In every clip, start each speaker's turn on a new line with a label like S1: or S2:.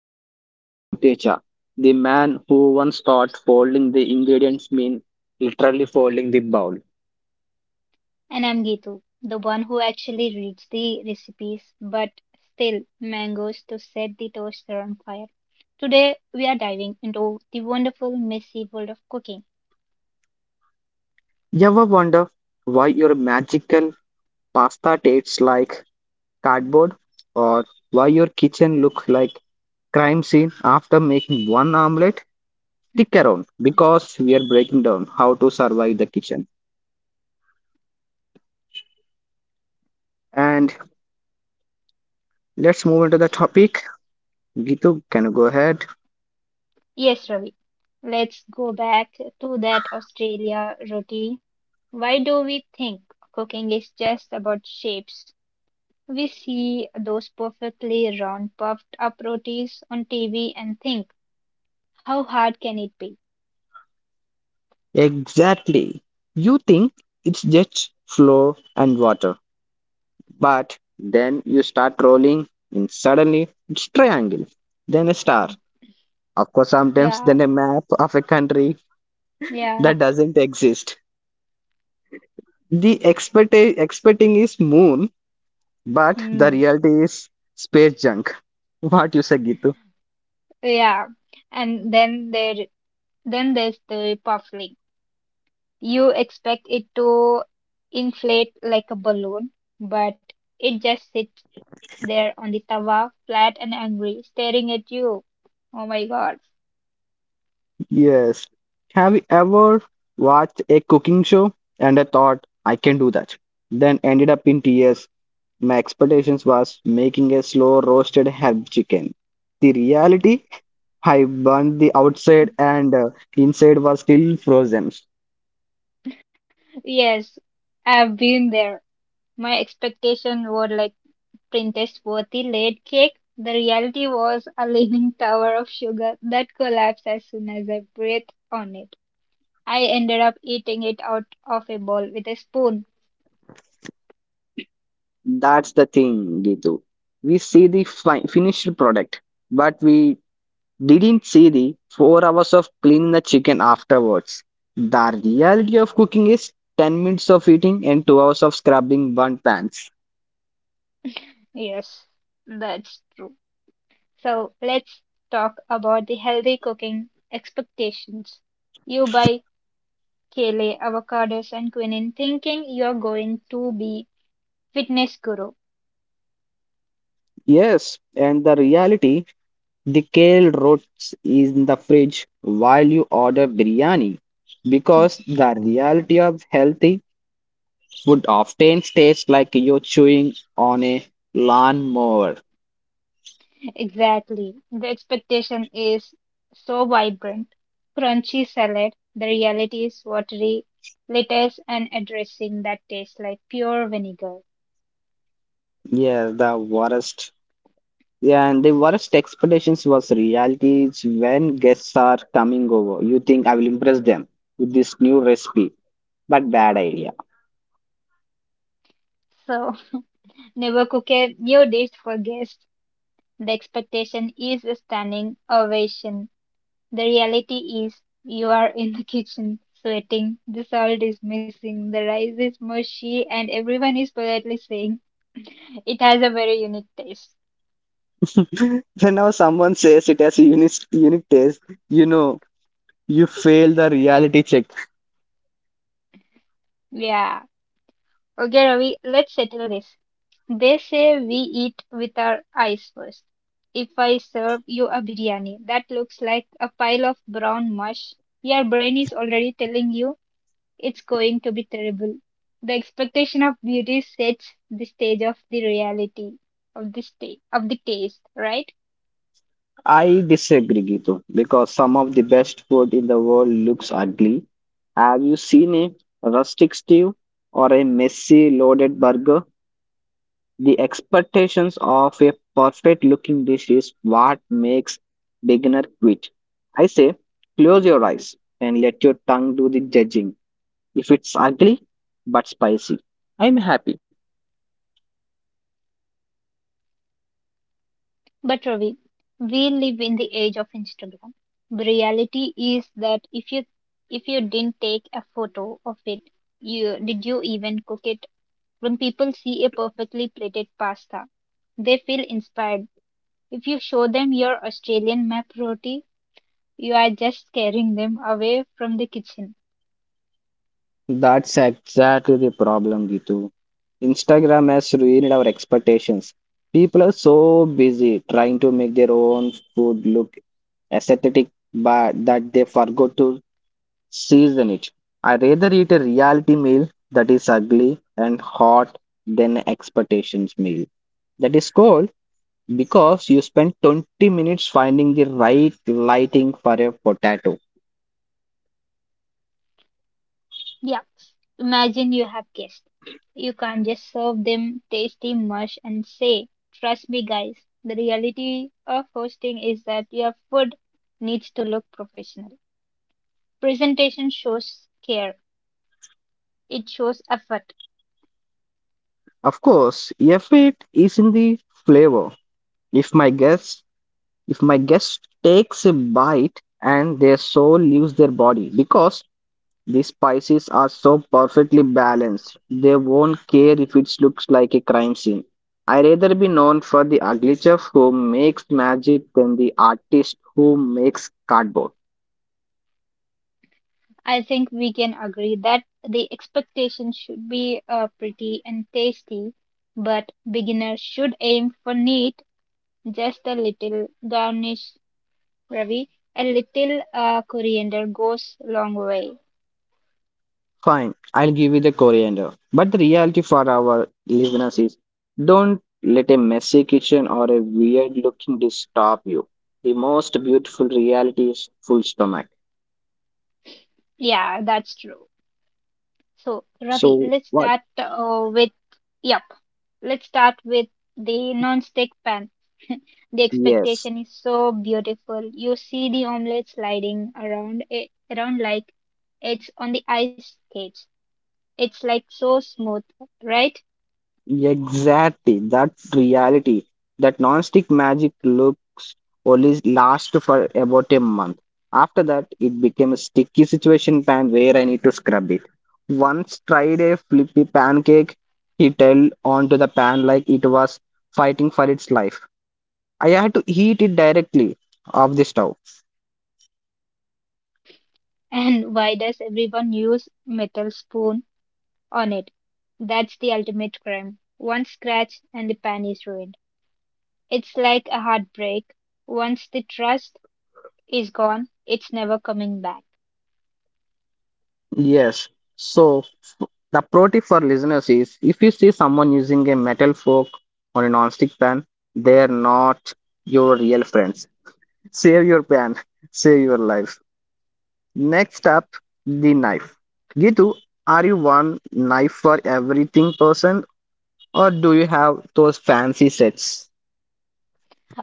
S1: Mix. I am Rautecha, the man who once thought folding the ingredients mean literally folding the bowl.
S2: And I'm Gitu, the one who actually reads the recipes, but still mangoes to set the toaster on fire. Today, we are diving into the wonderful, messy world of cooking.
S1: You ever wonder why your magical pasta tastes like cardboard, or why your kitchen looks like crime scene after making one omelette?
S2: Hmm.
S1: Stick around because we are breaking down how to survive the kitchen. And let's move into the topic. Gitu, can you go ahead?
S2: Yes, Ravi, let's go back to that Australia roti. Why do we think cooking is just about shapes? We see those perfectly round, puffed up rotis on TV and think, how hard can it be?
S1: Exactly. You think it's just flour and water, but then you start rolling, and suddenly it's triangle, then a star. Of course, sometimes
S2: Yeah,
S1: then a map of a country
S2: yeah.
S1: that doesn't exist. The expecting is moon, but the
S2: Hmm.
S1: reality is space junk. What you say, Gitu?
S2: Yeah, and then there's the puffling. You expect it to inflate like a balloon, but it just sits there on the tawa, flat and angry, staring at you. Oh my God.
S1: Yes. Have you ever watched a cooking show and I thought I can do that, then ended up in tears. My expectations was making a slow roasted herb chicken. The reality, I burned the outside and inside was still frozen.
S2: Yes, I've been there. My expectation were like Princess worthy laid cake. The reality was a leaning tower of sugar that collapsed as soon as I breathed on it. I ended up eating it out of a bowl with a spoon.
S1: That's the thing, Gitu. We see the finished product, but we didn't see the 4 hours of cleaning the chicken afterwards. The reality of cooking is 10 minutes of eating and 2 hours of scrubbing burnt pans.
S2: Yes, that's true. So let's talk about the healthy cooking expectations. You buy kale, avocados, and quinoa thinking you're going to be fitness guru.
S1: Yes, and the reality. The kale rots in the fridge while you order biryani, because the reality of healthy food often tastes like you're chewing on a lawnmower.
S2: Exactly. The expectation is so vibrant. Crunchy salad, the reality is watery lettuce and a dressing that tastes like pure vinegar.
S1: Yeah, the worst. Yeah, and the worst expectations was realities when guests are coming over. You think I will impress them with this new recipe, but bad idea.
S2: So never cook a new dish for guests. The expectation is a standing ovation. The reality is you are in the kitchen, sweating, the salt is missing, the rice is mushy, and everyone is politely saying it has a very unique taste.
S1: Whenever someone says it has a unique taste, you know you fail the reality check.
S2: Yeah. Okay, Ravi, let's settle this. They say we eat with our eyes first. If I serve you a biryani that looks like a pile of brown mush, your brain is already telling you it's going to be terrible. The expectation of beauty sets the stage of the reality of the state of the taste, right?
S1: I disagree, Gitu, because some of the best food in the world looks ugly. Have you seen a rustic stew or a messy loaded burger? The expectations of a perfect looking dish is what makes beginner quit. I say, close your eyes and let your tongue do the judging. If it's ugly but spicy, I'm happy.
S2: But Ravi, we live in the age of Instagram. The reality is that if you didn't take a photo of it, you did you even cook it? When people see a perfectly plated pasta, they feel inspired. If you show them your Australian map roti, you are just scaring them away from the kitchen.
S1: That's exactly the problem, Gitu. Instagram has ruined our expectations. People are so busy trying to make their own food look aesthetic but that they forgot to season it. I rather eat a reality meal that is ugly and hot than an expectations meal that is cold, because you spend 20 minutes finding the right lighting for a potato.
S2: Yeah, imagine you have guests. You can't just serve them tasty mush and say, trust me, guys, the reality of hosting is that your food needs to look professional. Presentation shows care, it shows effort.
S1: Of course, if is in the flavor, if my guest if my guest takes a bite and their soul leaves their body because the spices are so perfectly balanced, they won't care if it looks like a crime scene. I rather be known for the ugly chef who makes magic than the artist who makes cardboard.
S2: I think we can agree that the expectation should be pretty and tasty, but beginners should aim for neat, just a little garnish, Ravi. A little coriander goes a long way.
S1: Fine, I'll give you the coriander. But the reality for our listeners is, don't let a messy kitchen or a weird looking dish stop you. The most beautiful reality is full stomach.
S2: Yeah, that's true. So, Ravi,
S1: So what?
S2: yep, let's start with the non-stick pan. The
S1: Yes,
S2: expectation is so beautiful. You see the omelette sliding around it, around like it's on the ice skates. It's like so smooth, right?
S1: exactly. That's reality. That non-stick magic looks only last for about a month. After that, it became a sticky situation pan where I need to scrub it. Once tried a flippy pancake, he held onto the pan like it was fighting for its life. I had to heat it directly off the stove.
S2: And why does everyone use metal spoon on it? That's the ultimate crime. One scratch and the pan is ruined. It's like a heartbreak. Once the trust is gone, it's never coming back.
S1: Yes. So the pro tip for listeners is, if you see someone using a metal fork or a non-stick pan, they're not your real friends. Save your pan, save your life. Next up, the knife. Gitu, are you one knife for everything person, or do you have those fancy sets?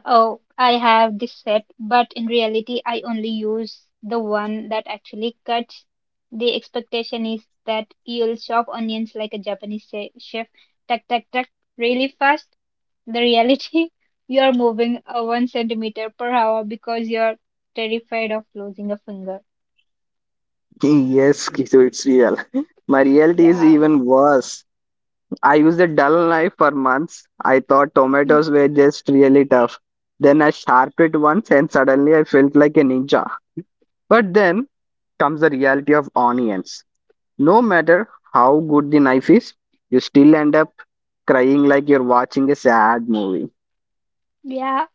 S2: Oh, I have this set, but in reality, I only use the one that actually cuts. The expectation is that you'll chop onions like a chef, tuck, tuck, tuck, really fast. The reality, you're moving a one centimeter per hour because you're terrified of losing a finger.
S1: Yes, Gitu, it's real. My reality is
S2: Yeah.
S1: even worse. I used a dull knife for months. I thought
S2: Hmm.
S1: tomatoes were just really tough. Then I sharpened it once and suddenly I felt like a ninja. But then comes the reality of onions. No matter how good the knife is, you still end up crying like you're watching a sad movie.
S2: Yeah.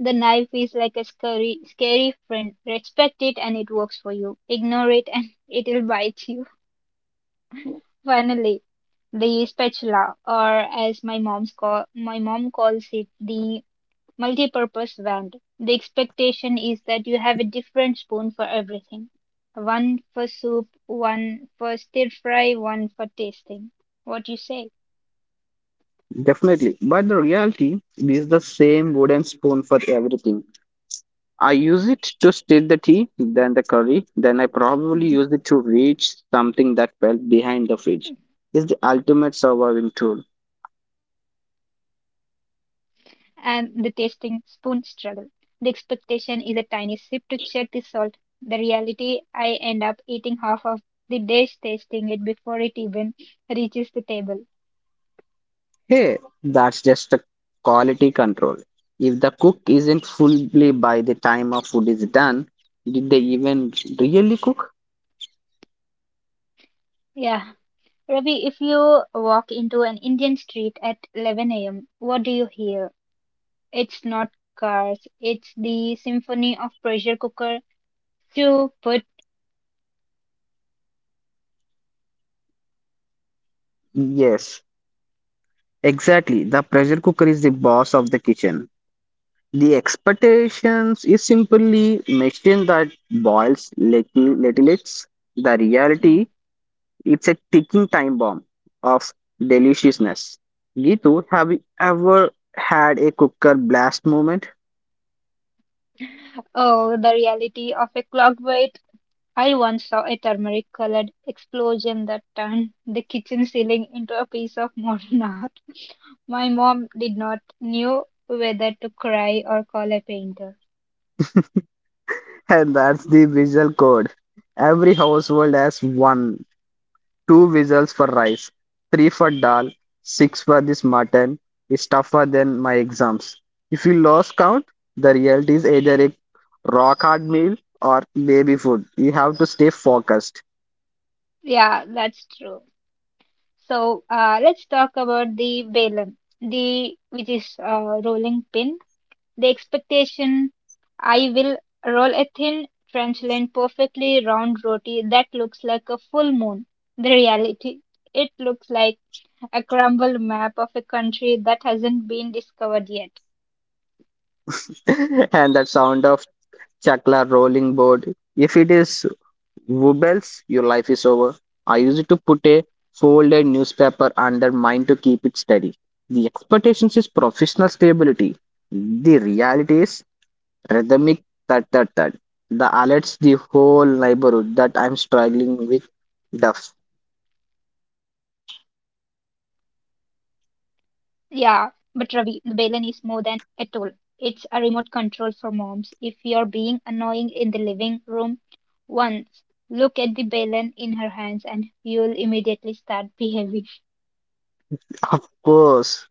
S2: The knife is like a scary, scary friend. Respect it and it works for you. Ignore it and it'll bite you. Finally, the spatula, or as my mom's call, my mom calls it, the multi-purpose wand. The expectation is that you have a different spoon for everything. One for soup, one for stir fry, one for tasting. What you say?
S1: Definitely. But the reality is the same wooden spoon for everything. I use it to stir the tea, then the curry, then I probably use it to reach something that fell behind the fridge. It's the ultimate surviving tool.
S2: And the tasting spoon struggle. The expectation is a tiny sip to check the salt. The reality, I end up eating half of the dish, tasting it before it even reaches the table.
S1: Hey, that's just a quality control. If the cook isn't fully by the time of food is done, did they even really cook?
S2: Yeah. Ravi, if you walk into an Indian street at 11 a.m., what do you hear? It's not cars, it's the symphony of pressure cooker to put,
S1: Yes, exactly. The pressure cooker is the boss of the kitchen. The expectations is simply machine that boils little. The reality, it's a ticking time bomb of deliciousness. Gitu, have you ever had a cooker blast moment?
S2: oh, the reality of a clocked. I once saw a turmeric colored explosion that turned the kitchen ceiling into a piece of modern art. My mom did not knew whether to cry or call a painter.
S1: And that's the visual code. Every household has one, two whistles for rice, three for dal, six for this mutton, is tougher than my exams. If you lost count, the reality is either a rock hard meal or baby food. You have to stay focused.
S2: Yeah, that's true. So let's talk about the balam, the which is rolling pin. The expectation, I will roll a thin, translucent, perfectly round roti that looks like a full moon. The reality, it looks like a crumbled map of a country that hasn't been discovered yet.
S1: And that sound of chakla rolling board, if it is wobbles, your life is over. I used to put a folded newspaper under mine to keep it steady. The expectations is professional stability. The reality is rhythmic thud thud thud. The alerts the whole neighborhood that I'm struggling with the
S2: Yeah, but Ravi, the Balin is more than a tool. It's a remote control for moms. If you're being annoying in the living room once, look at the Balin in her hands and you'll immediately start behaving.
S1: of course.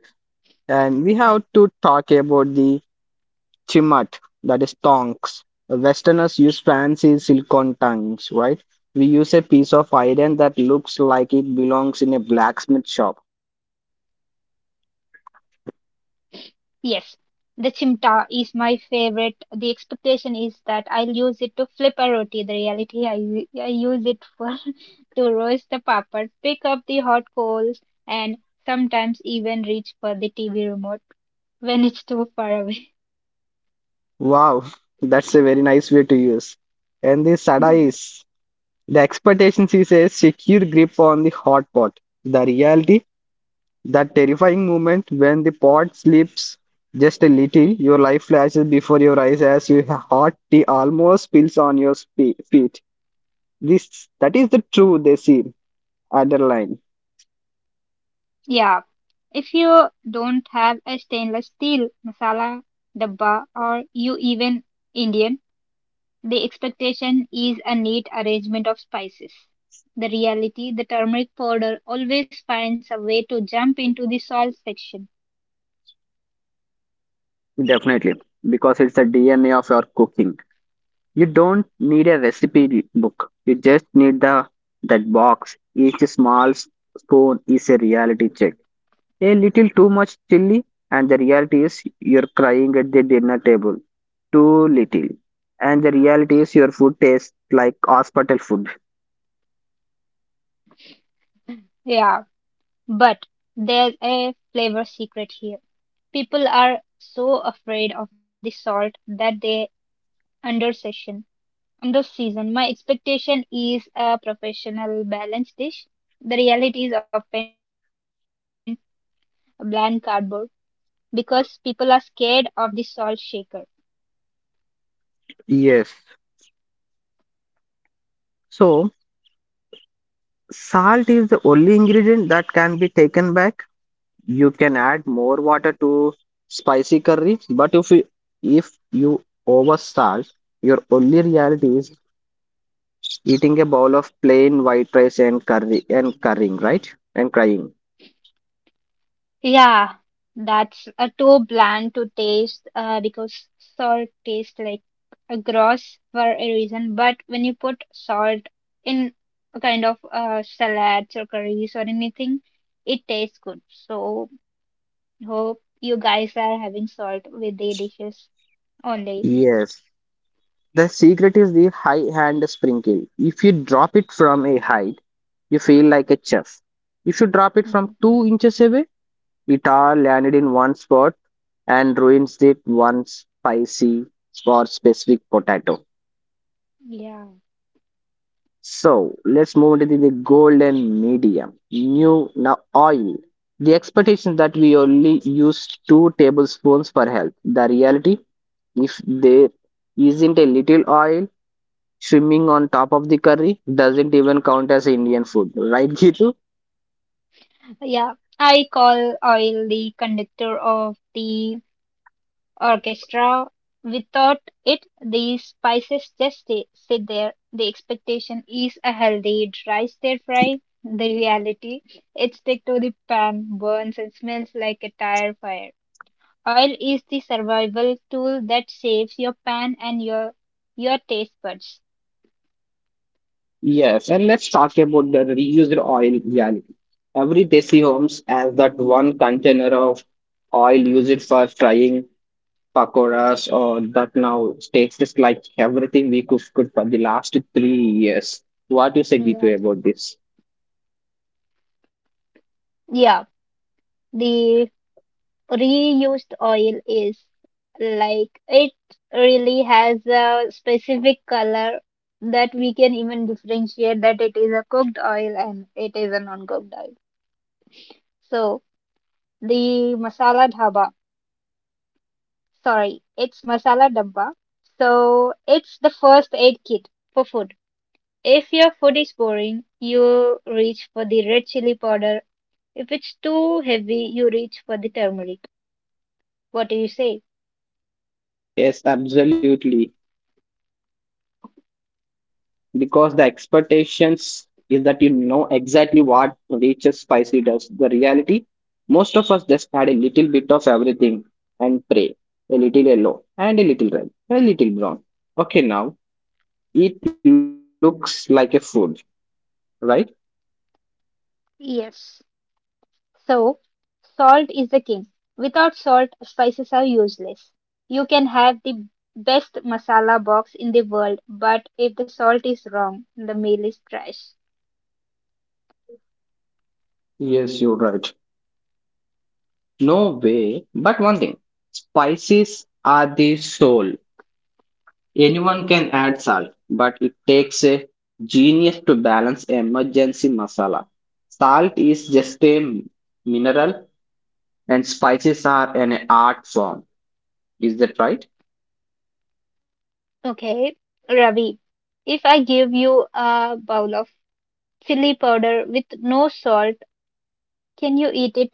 S1: And we have to talk about the Chimat, that is tongs. Westerners use fancy silicone tongs, right? We use a piece of iron that looks like it belongs in a blacksmith shop.
S2: Yes, the chimta is my favorite. The expectation is that I'll use it to flip a roti. The reality, I use it for to roast the papad, pick up the hot coals, and sometimes even reach for the TV remote when it's too far away.
S1: Wow, that's a very nice way to use. And the sada is, the expectations is a secure grip on the hot pot. The reality, that terrifying moment when the pot slips just a little, your life flashes before your eyes as your hot tea almost spills on your feet. This that is the true desi. Underline,
S2: Yeah. If you don't have a stainless steel masala dabba or you even Indian. The expectation is a neat arrangement of spices. The reality, the turmeric powder always finds a way to jump into the salt section.
S1: definitely, because it's the DNA of your cooking. You don't need a recipe book. You just need the that box. Each small spoon is a reality check. A little too much chili, and the reality is you're crying at the dinner table. Too little, and the reality is your food tastes like hospital food.
S2: Yeah, but there's a flavor secret here. People are so afraid of the salt that they under session. Under season, my expectation is a professional balanced dish. The reality is often a bland cardboard because people are scared of the salt shaker.
S1: Yes. So salt is the only ingredient that can be taken back. You can add more water to spicy curry, but if you over salt, your only reality is eating a bowl of plain white rice and curry, and currying right and crying.
S2: Yeah, that's a too bland to taste because salt tastes like a gross for a reason. But when you put salt in a kind of salads or curries or anything, it tastes good. So hope you guys are having salt with the dishes only.
S1: Yes, the secret is the high hand sprinkle. If you drop it from a height, you feel like a chef. If you drop it from
S2: Mm,
S1: 2 inches away, it all landed in one spot and ruins the one spicy or specific potato.
S2: yeah,
S1: So let's move into the golden medium. New now oil. The expectation that we only use two tablespoons per health. The reality, if there isn't a little oil swimming on top of the curry, doesn't even count as Indian food, right, Gitu?
S2: yeah. I call oil the conductor of the orchestra. Without it, these spices just sit there. The expectation is a healthy, dry stir fry. The reality, it stick to the pan, burns and smells like a tire fire. Oil is the survival tool that saves your pan and your taste buds.
S1: Yes, and let's talk about the reused oil reality. Every desi homes has that one container of oil used for frying pakoras or that now takes just like everything we could for the last 3 years. What you say,
S2: Yeah.
S1: Gitu, about this?
S2: Yeah. The reused oil is like it really has a specific color that we can even differentiate that it is a cooked oil and it is a non-cooked oil. So the masala dhaba, sorry, it's masala dabba. So it's the first aid kit for food. If your food is boring, you reach for the red chili powder. If it's too heavy, you reach for the turmeric. What do you say?
S1: Yes, absolutely. Because the expectations is that you know exactly what Nature's spicy does. The reality, most of us just add a little bit of everything and pray. A little yellow and a little red, a little brown. Okay, now it looks like a food, right?
S2: Yes. So, salt is the king. Without salt, spices are useless. You can have the best masala box in the world, but if the salt is wrong, the meal is trash.
S1: Yes, you're right. No way. But one thing, spices are the soul. Anyone can add salt, but it takes a genius to balance emergency masala. Salt is just a mineral, and spices are an art form. Is that right?
S2: Okay, Ravi, if I give you a bowl of chili powder with no salt, can you eat it?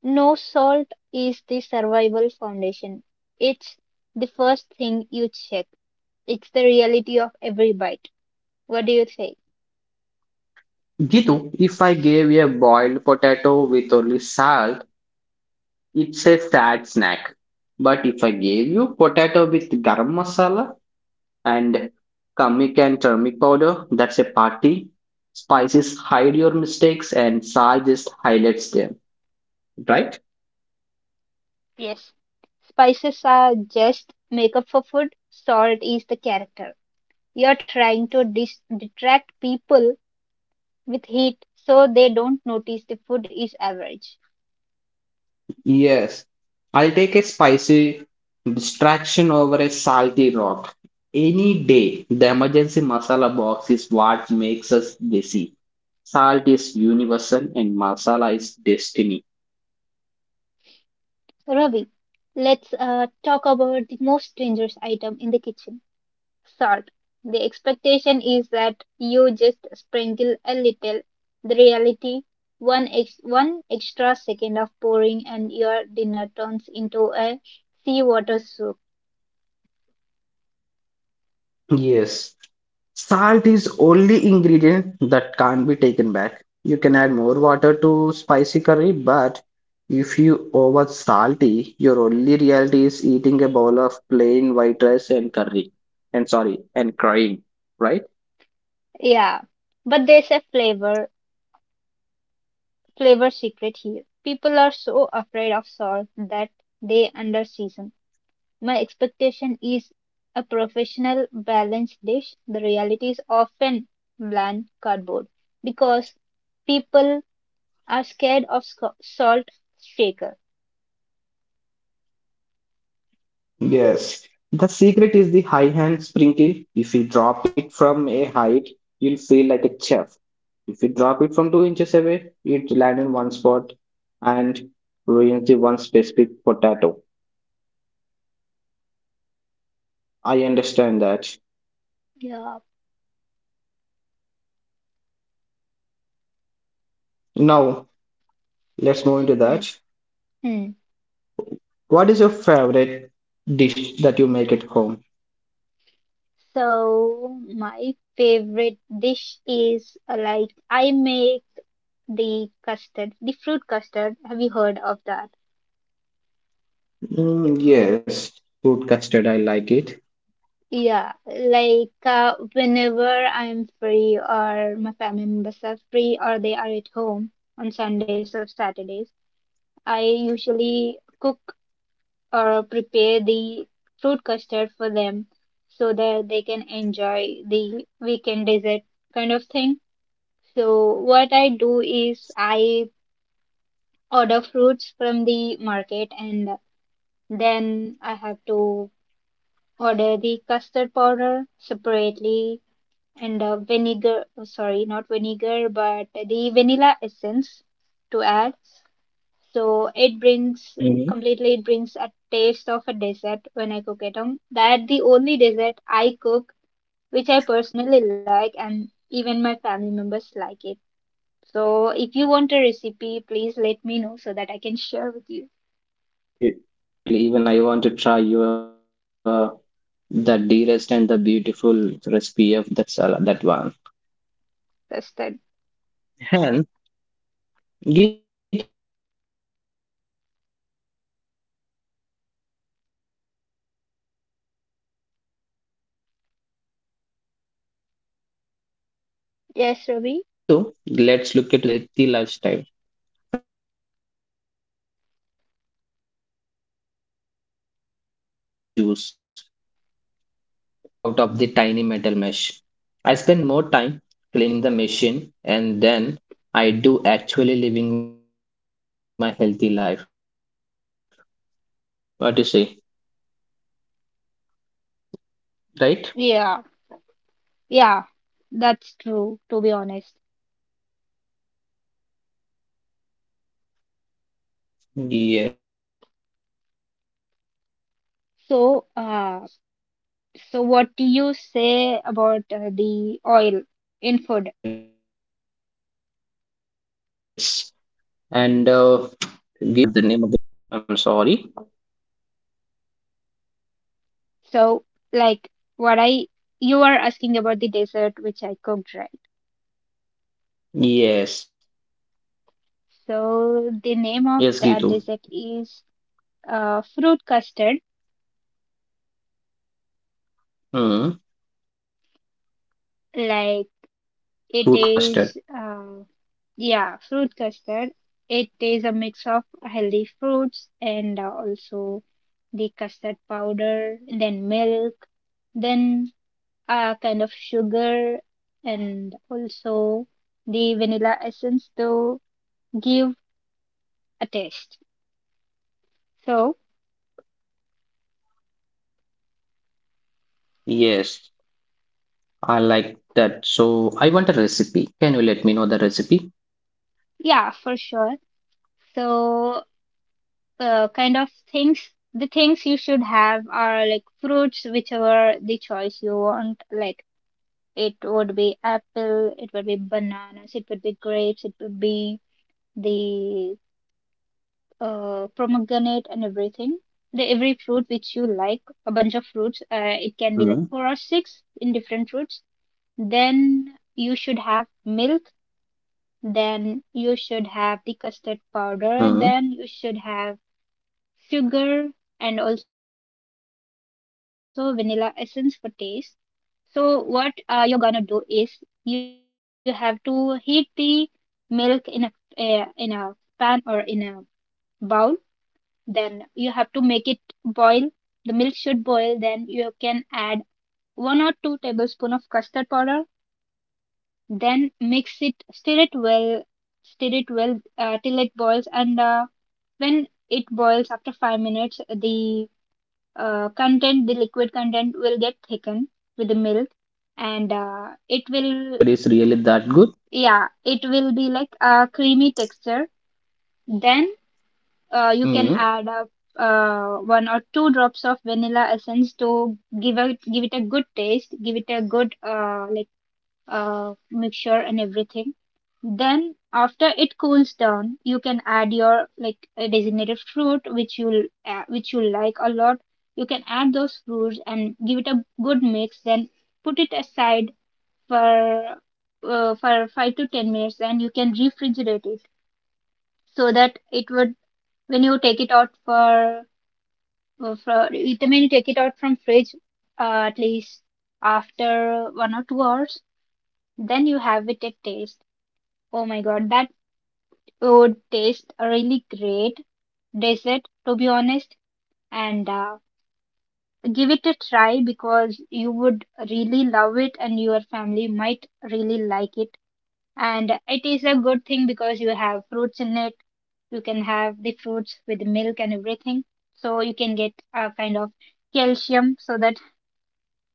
S2: No, salt is the survival foundation. It's the first thing you check. It's the reality of every bite. What do you think?
S1: Gitu, if I gave you a boiled potato with only salt, it's a sad snack. But if I gave you potato with garam masala, and Kamic and turmeric powder. That's a party. Spices hide your mistakes and Sal just highlights them, right?
S2: Yes, spices are just makeup for food, salt is the character. You're trying to detract people with heat so they don't notice the food is average.
S1: Yes. I'll take a spicy distraction over a salty rock. Any day, the emergency masala box is what makes us desi. Salt is universal and masala is destiny.
S2: Ravi, let's talk about the most dangerous item in the kitchen, salt. The expectation is that you just sprinkle a little. The reality, one extra second of pouring and your dinner turns into a seawater soup.
S1: Yes. Salt is only ingredient that can't be taken back. You can add more water to spicy curry, but if you over salty, your only reality is eating a bowl of plain white rice and curry. And sorry, and crying, right?
S2: Yeah, but there's a flavor secret here. People are so afraid of salt that they under season. My expectation is a professional balanced dish. The reality is often bland cardboard because people are scared of salt shaker.
S1: Yes. The secret is the high hand sprinkle. If you drop it from a height, you'll feel like a chef. If you drop it from 2 inches away, it'll land in one spot and ruins the one specific potato. I understand that.
S2: Yeah.
S1: Now, let's move into
S2: Mm.
S1: that.
S2: Mm.
S1: What is your favorite dish that you make at home?
S2: So my favorite dish is like I make the custard, the fruit custard. Have you heard of that?
S1: Mm, yes, fruit custard. I like it.
S2: Yeah, like whenever I'm free, or my family members are free, or they are at home on Sundays or Saturdays, I usually cook or prepare the fruit custard for them so that they can enjoy the weekend dessert kind of thing. So, what I do is I order fruits from the market, and then I have to order the custard powder separately and vinegar oh, sorry not vinegar but the vanilla essence to add,
S1: Hmm.
S2: so it brings completely, it brings a taste of a dessert when I cook at home, that the only dessert I cook which I personally like and even my family members like it. So if you want a recipe, please let me know so that I can share with you.
S1: Definitely. Even I want to try your the dearest and the beautiful recipe of that salad, that one.
S2: That's that.
S1: And Gitu, let's look into the juice mixer. Okay. The expectations is the healthy lifestyle, fresh juice every morning, glowing skin. The reality, it
S2: Yes,
S1: takes
S2: Ruby.
S1: 45 seconds to make the juice, and 45 minutes to scrub the clump out of the tiny metal mesh. I spend more time cleaning the machine and then I do actually living my healthy life. What you say, right?
S2: Yeah, yeah, that's true, to be honest.
S1: Yes. And Gitu, and one more thing, you said that you
S2: So
S1: like that. What the name of the
S2: What do
S1: dish?
S2: you say about the oil in food?
S1: Oil. I'm sorry.
S2: So, like, what I you are asking about the dessert which I cooked, right?
S1: Yes.
S2: So, the
S1: Yes,
S2: name of
S1: Gitu.
S2: that dessert is fruit custard.
S1: Hmm.
S2: Like
S1: Fruit
S2: it
S1: custard.
S2: is, yeah, fruit custard. It is a mix of healthy fruits and also the custard powder, then milk, then kind of sugar and also the vanilla essence to give a taste. So,
S1: Yes. I like that. So I want a recipe. Can you let me know the recipe?
S2: yeah, for sure. So, kind of things, the things you should have are like fruits, whichever the choice you want. Like, it would be apple, it would be bananas, it would be grapes, it would be the pomegranate and everything. The every fruit which you like, a bunch of fruits.
S1: Mm-hmm.
S2: It can be like four or six in different fruits. Then you should have milk. Then you should have the custard
S1: Hmm.
S2: powder. Then you should have sugar and also vanilla essence for taste. So what you're gonna do is you have to heat the milk in a pan or in a bowl, then you have to make it boil. The milk should boil, then you can add 1 or 2 tablespoon of custard powder, then mix it, stir it well, till it boils, and
S1: Okay.
S2: when it boils after 5 minutes,
S1: Gitu,
S2: the content the liquid content will get thickened with the milk.
S1: you're
S2: And
S1: saying that the
S2: it
S1: fruit
S2: will
S1: custard is really that good?
S2: yeah it will be like a creamy texture. Then you can
S1: Hmm.
S2: add up one or two drops of vanilla essence to give it a good taste, give it a good like mixture and everything. Then after it cools down, you can add your like designated fruit which you'll which you like a lot. You can add those fruits and give it a good mix. Then put it aside for 5 to 10 minutes, and you can refrigerate it so that it would when you take it out for I mean, you take it out from fridge at least after 1 or 2 hours. Then you have it at taste. Oh my God, that would taste a really great dessert, to be honest. And give it a try because you would really love it, and your family might really like it. And it is a good thing because you have fruits in it. You can have the fruits with milk and everything. So you can get a kind of calcium so that.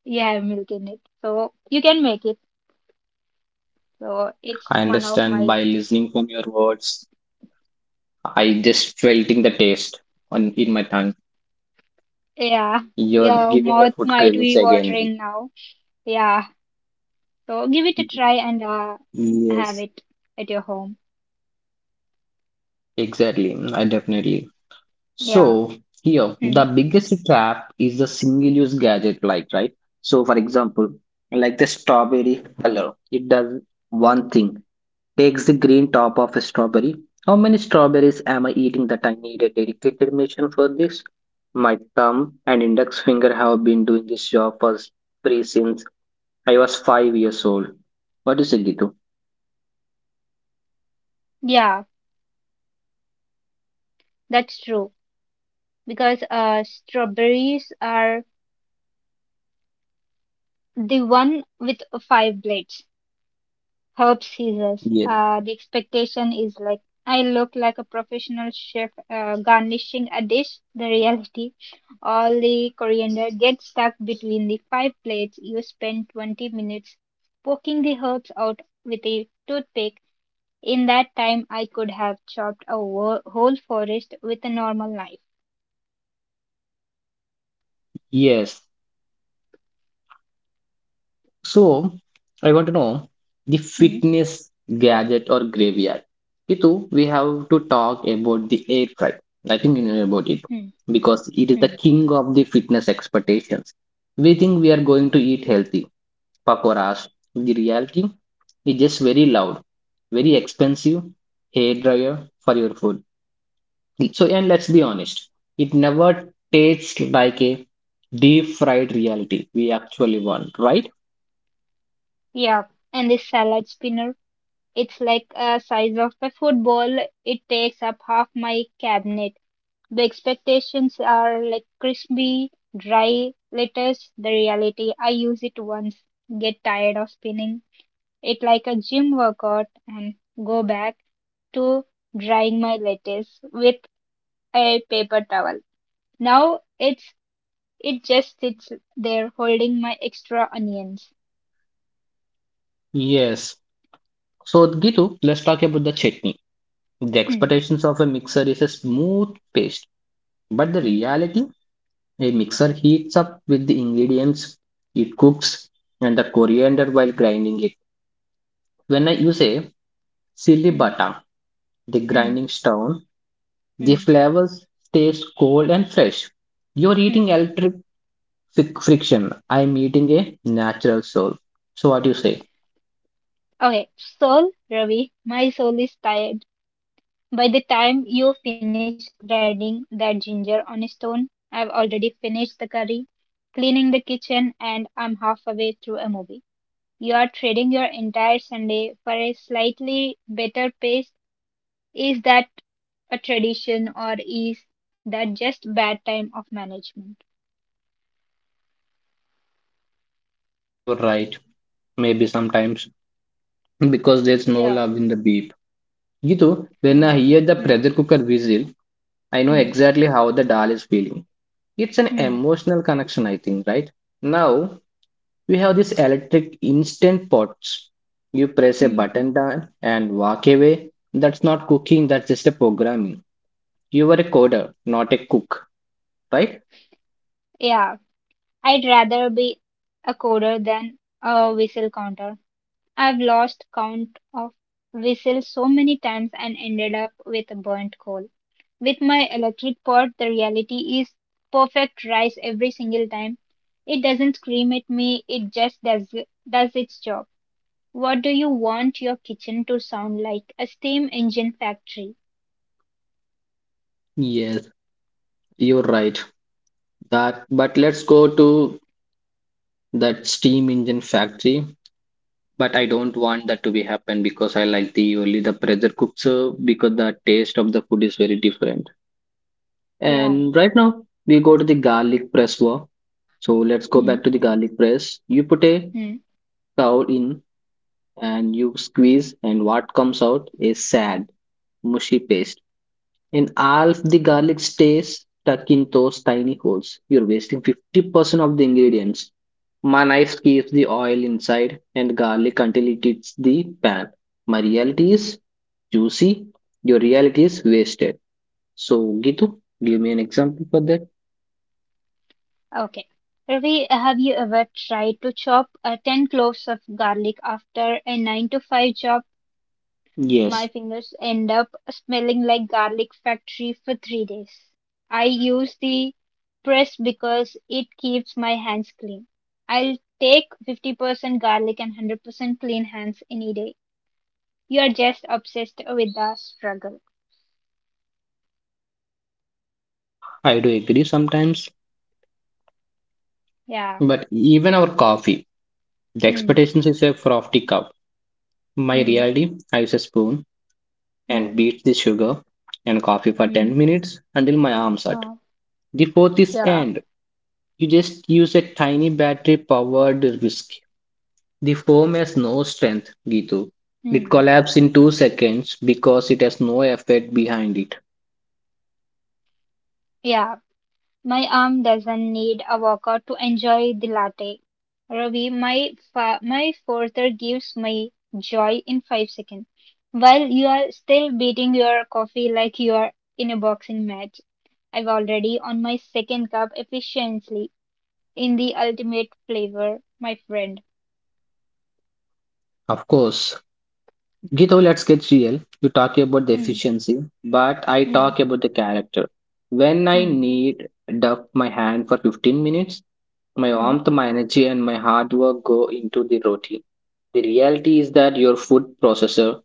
S2: Yeah, milk in it. So you can make it. So it's
S1: I
S2: one of
S1: understand
S2: my.
S1: by listening from your words. I just felting the taste on in my tongue.
S2: Yeah,
S1: You're
S2: yeah,
S1: giving me
S2: mouth
S1: food
S2: might
S1: cravings
S2: be watering
S1: again.
S2: now. Yeah. So give it a try and have
S1: Yes.
S2: it at your home.
S1: Exactly. I definitely.
S2: Yeah.
S1: So here, the
S2: Hmm.
S1: biggest trap is the single-use gadget like, right? So for example, like the strawberry color, it does one thing, takes the green top of a strawberry. How many strawberries am I eating that I need a dedicated machine for this? My thumb and index finger have been doing this job for free since I was 5 years old. What do you say, Gitu?
S2: Yeah, that's true. Because strawberries are the one with five blades. Herb scissors.
S1: Yes.
S2: The expectation is like I look like a professional chef garnishing a dish. The reality, all the coriander gets stuck between the five plates. You spend 20 minutes poking the herbs out with a toothpick. In that time, I could have chopped whole forest with a normal knife.
S1: Yes, so, I want to know the
S2: Hmm,
S1: fitness gadget or graveyard. Kitu, we have to talk about the air fry. I think you know about it
S2: hmm,
S1: because it is the
S2: hmm.
S1: king of the fitness expectations. We think we are going to eat healthy pakoras. The reality is just very loud, very expensive hair dryer for your food. So, and let's be honest, it never tastes like a deep fried reality we actually want, right?
S2: Yeah, and the salad spinner. It's like a size of a football. It takes up half my cabinet. The expectations are like crispy, dry letters. The reality, I use it once, get tired of spinning it like a gym workout, and go back to drying my lettuce with a paper towel. Now it just sits there holding my extra onions.
S1: Yes, so, Gitu, let's talk about the chutney. The
S2: Hmm,
S1: expectations of a mixer is a smooth paste, but the
S2: hmm,
S1: reality, a mixer heats up with the ingredients, it cooks, and the coriander while grinding it. When I use a silly
S2: hmm,
S1: bata, the
S2: hmm,
S1: grinding stone, the
S2: hmm,
S1: flavors taste cold and fresh. You're eating
S2: hmm.
S1: electric friction. I'm eating a natural soul. So, what do you say?
S2: Okay, soul, Ravi, my soul is tired. By the time you finish grinding that ginger on a stone, I've already finished the curry, cleaning the kitchen, and I'm halfway through a movie. You are trading your entire Sunday for a slightly better pace. Is that a tradition or is that just bad time of management?
S1: You're right. Maybe sometimes because there's no
S2: Yeah.
S1: love in the beef. You know, when
S2: Hmm.
S1: I hear the
S2: Hmm.
S1: pressure cooker whistle, I know
S2: Hmm.
S1: exactly how the doll is feeling. It's an
S2: Hmm.
S1: emotional connection, I think, right? Now we have these electric instant pots. You press a
S2: Hmm.
S1: button down and walk away. That's not cooking, that's just a programming. You are a coder, not a cook, right?
S2: Yeah. I'd rather be a coder than a whistle counter. I've lost count of whistles so many times and ended up with a burnt coal. With my electric pot, the reality is perfect rice every single time. It doesn't scream at me, it just does its job. What do you want your kitchen to sound like? A steam engine factory.
S1: Yes, you're right. That, but let's go to that steam engine factory, but I don't want that to be happen because I like the only the pressure cooked serve because the taste of the food is very different.
S2: Yeah.
S1: And right now we go to the garlic press war. So let's go
S2: Hmm.
S1: back to the garlic press. You put a
S2: Hmm.
S1: cow in and you squeeze, and what comes out is sad, mushy paste. And all of the garlic stays stuck in those tiny holes. You're wasting 50% of the ingredients. My knife keeps the oil inside and garlic until it hits the pan. My reality is juicy, your reality is wasted. So, Gitu, give me an example for that.
S2: Okay. Ravi, have you ever tried to chop 10 cloves of garlic after a 9 to 5 job?
S1: Yes,
S2: My fingers end up smelling like garlic factory for 3 days. I use the press because it keeps my hands clean. I'll take 50% garlic and 100% clean hands any day. You are just obsessed with the struggle.
S1: I do agree sometimes,
S2: Yeah.
S1: but even our coffee, the
S2: Hmm.
S1: expectations is a frothy cup. My
S2: Hmm.
S1: reality, I use a spoon
S2: Hmm.
S1: and beat the sugar and coffee for
S2: Hmm.
S1: 10 minutes until my arms hurt.
S2: Uh,
S1: The fourth is
S2: yeah.
S1: end. You just use a tiny battery powered whisk. The foam has no strength, Gitu. It
S2: Hmm.
S1: collapses in 2 seconds because it has no effect behind it.
S2: Yeah. My arm doesn't need a workout to enjoy the latte. Ravi, my father gives me joy in 5 seconds. While you are still beating your coffee like you are in a boxing match, I've already on my second cup efficiently in the ultimate flavor, my friend.
S1: Of course. Gitu, let's get real. You talk about the
S2: Mm,
S1: efficiency, but I
S2: mm,
S1: talk about the character. When I
S2: mm,
S1: need duck my hand for 15 minutes, my
S2: mm.
S1: warmth, my energy, and my hard work go into the roti. The reality is that your food processor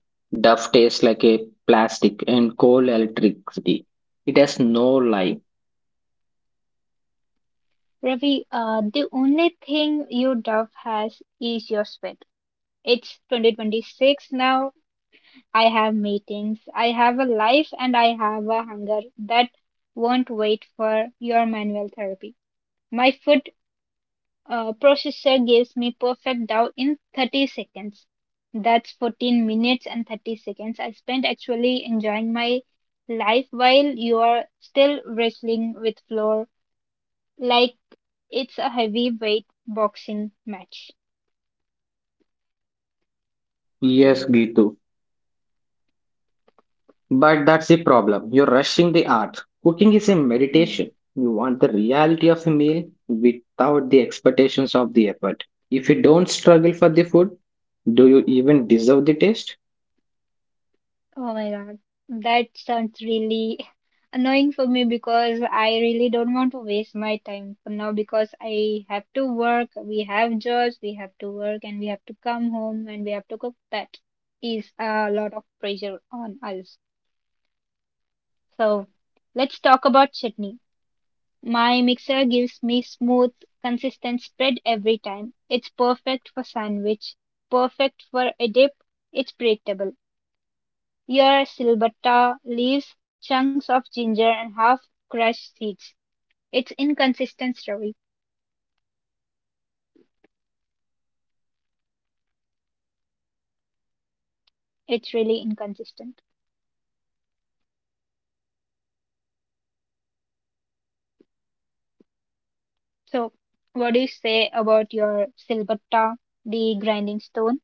S1: duff tastes like a plastic and coal electricity. It has no life.
S2: Ravi, the only thing you dove has is your sweat. It's 2026 now. I have meetings, I have a life, and I have a hunger that won't wait for your manual therapy. My food processor gives me perfect dough in 30 seconds. That's 14 minutes and 30 seconds I spent actually enjoying my life while you are still wrestling with floor like it's a heavyweight boxing match.
S1: Yes, Gitu. But that's the problem. You're rushing the art. Cooking is a
S2: Mm.
S1: meditation. You want the reality of a meal without the expectations of the effort. If you don't struggle for the food, do you even deserve the taste?
S2: Oh my God, that sounds really annoying for me because I really don't want to waste my time for now because I have to work, we have jobs, we have to work, and we have to come home and we have to cook. That is a lot of pressure on us. So let's talk about chutney. My mixer gives me smooth, consistent spread every time. It's perfect for sandwich, perfect for a dip. It's predictable. Your ciabatta leaves, chunks of ginger, and half-crushed seeds. It's inconsistent, Ravi. It's really inconsistent. So, what do you say about your ciabatta, the grinding stone?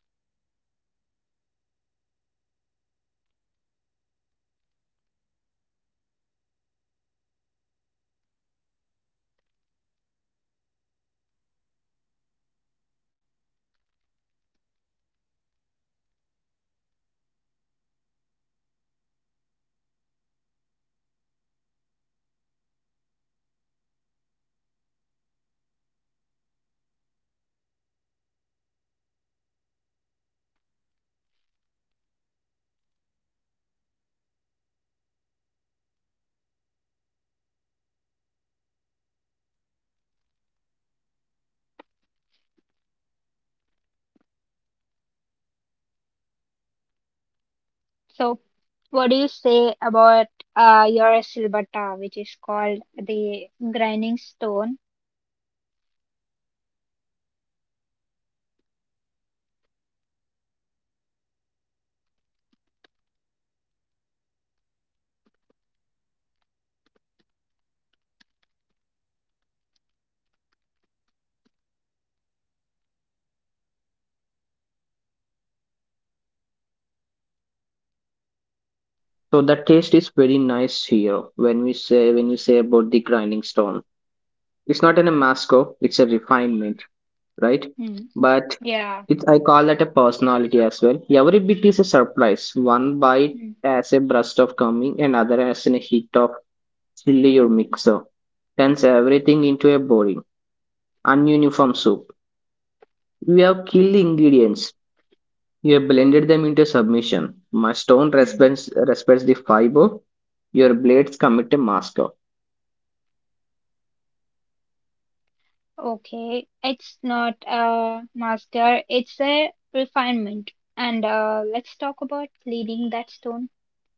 S2: So, what do you say about your ciabatta, which is called the grinding stone?
S1: So the taste is very nice here when you say about the grinding stone. It's not an amasco. It's a refinement, right?
S2: Hmm.
S1: But
S2: Yeah.
S1: it's I call that a personality as well. Every bit is a surprise. One bite
S2: Hmm.
S1: as a burst of coming, another as a hit of chill your mixer. Turns everything into a boring, ununiform soup. You have killed the ingredients. You have blended them into submission. My stone
S2: Hmm.
S1: respects the fiber. Your blades commit a master.
S2: Okay, it's not a mascara, it's a refinement. And let's talk about cleaning that stone.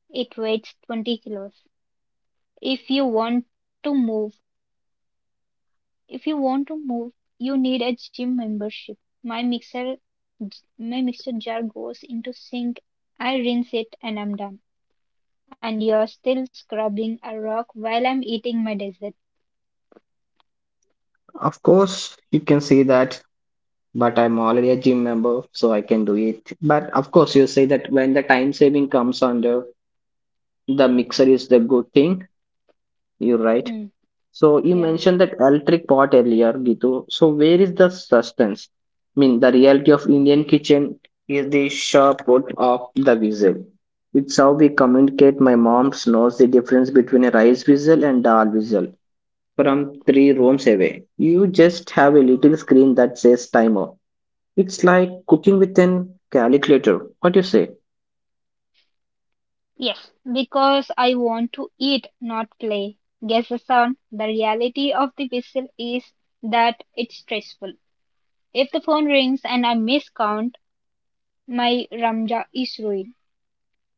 S2: It weighs 20 kilos. If you want to move, if you want to move, you need a gym membership. My mixer, my mixer jar goes into sink. I rinse it and I'm done. And you're still scrubbing a rock while I'm eating my dessert.
S1: Of course, you can say that, but I'm already a gym member, so I can do it. But of course, you say that when the time saving comes under the mixer is the good thing. You're right.
S2: Hmm.
S1: So you mentioned
S2: Yeah.
S1: that electric pot earlier, Gitu. So where is the substance? I mean, the reality of Indian kitchen is the sharp put of the whistle. It's how we communicate. My mom knows the difference between a rice whistle and dal whistle from 3 rooms away. You just have a little screen that says timer. It's like cooking with an calculator. What do you say?
S2: Yes, because I want to eat, not play. Guess the sound. The reality of the whistle is that it's stressful. If the phone rings and I miscount, my Ramja is ruined.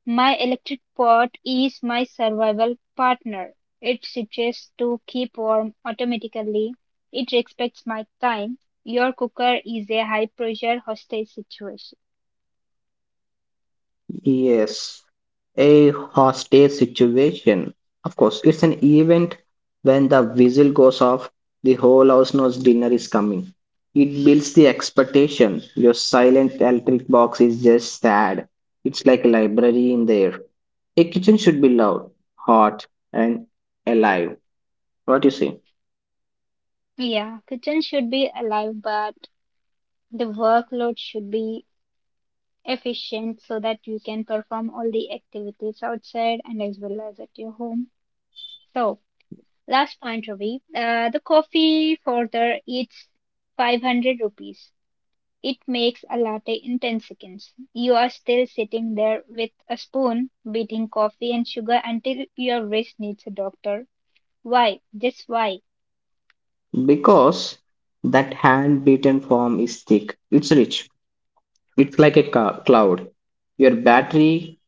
S2: My electric pot is my survival partner. It switches to keep warm automatically. It respects my time. Your cooker is a high pressure hostage situation.
S1: Yes, a hostage situation. Of course, it's an event when the whistle goes off, the whole house knows dinner is coming. It builds the expectation. Your silent electric box is just sad. It's like a library in there. A kitchen should be loud, hot, and alive. What you say?
S2: Yeah, kitchen should be alive, but the workload should be efficient so that you can perform all the activities outside and as well as at your home. So, last point, Ravi. The coffee, for the it's 500 rupees. It makes a latte in 10 seconds. You are still sitting there with a spoon, beating coffee and sugar until your wrist needs a doctor. Why? Just why?
S1: Because that hand beaten form is thick. It's rich. It's like a cloud. Your battery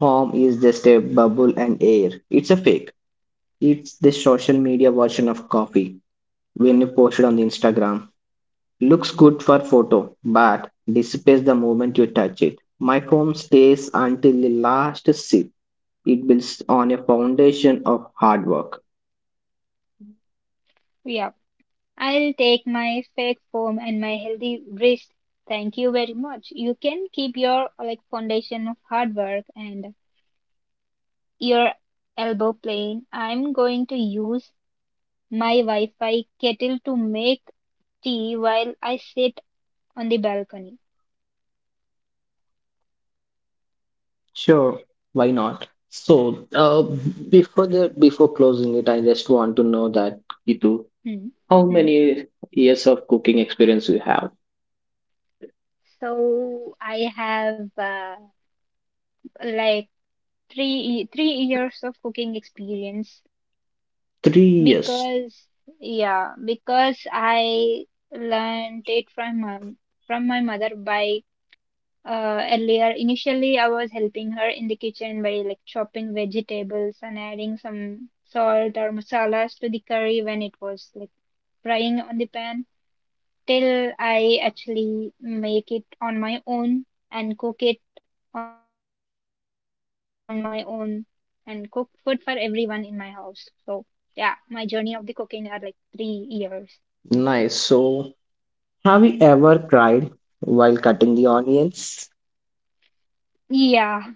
S1: form is just a bubble and air. It's a fake. It's the social media version of coffee when you post it on the Instagram. Looks good for photo, but disappears the moment you touch it. My foam stays until the last sip. It builds on a foundation of hard work.
S2: Yeah. I'll take my fake foam and my healthy wrist. Thank you very much. You can keep your like foundation of hard work and your elbow plane. I'm going to use my Wi-Fi kettle to make tea while I sit on the balcony.
S1: Sure, why not? So, before the before closing it, I just want to know that Itu,
S2: Hmm.
S1: how
S2: Hmm.
S1: many years of cooking experience you have?
S2: So I have like three years of cooking experience,
S1: 3 years.
S2: because, yeah because I learned it from mom, from my mother by earlier. Initially, I was helping her in the kitchen by like chopping vegetables and adding some salt or masalas to the curry when it was like frying on the pan. Till I actually make it on my own and cook it on my own and cook food for everyone in my house. So, yeah, my journey of the cooking are like 3 years.
S1: Nice. So, have you ever cried while cutting the onions?
S2: Yeah,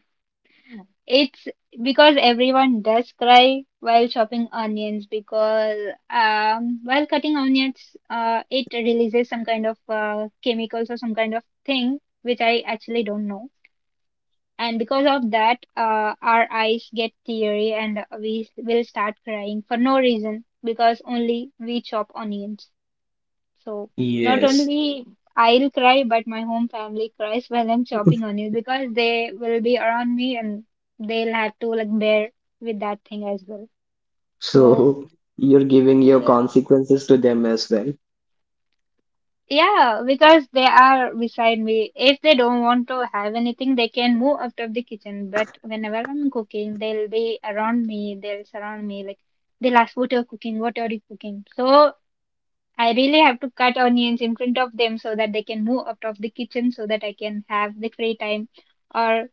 S2: it's because everyone does cry while chopping onions because while cutting onions, it releases some kind of chemicals or some kind of thing which I actually don't know. And because of that, our eyes get teary and we will start crying for no reason because only we chop onions. So not
S1: Yes.
S2: only I'll cry, but my home family cries while I'm chopping onions because they will be around me and they'll have to like bear with that thing as well. So,
S1: So you're giving your
S2: yeah.
S1: consequences to them as well.
S2: Yeah, because they are beside me. If they don't want to have anything, they can move out of the kitchen. But whenever I'm cooking, they'll be around me. They'll surround me. Like, they'll ask, what are you cooking? What are you cooking? So I really have to cut onions in front of them so that they can move out of the kitchen so that I can have the free time, or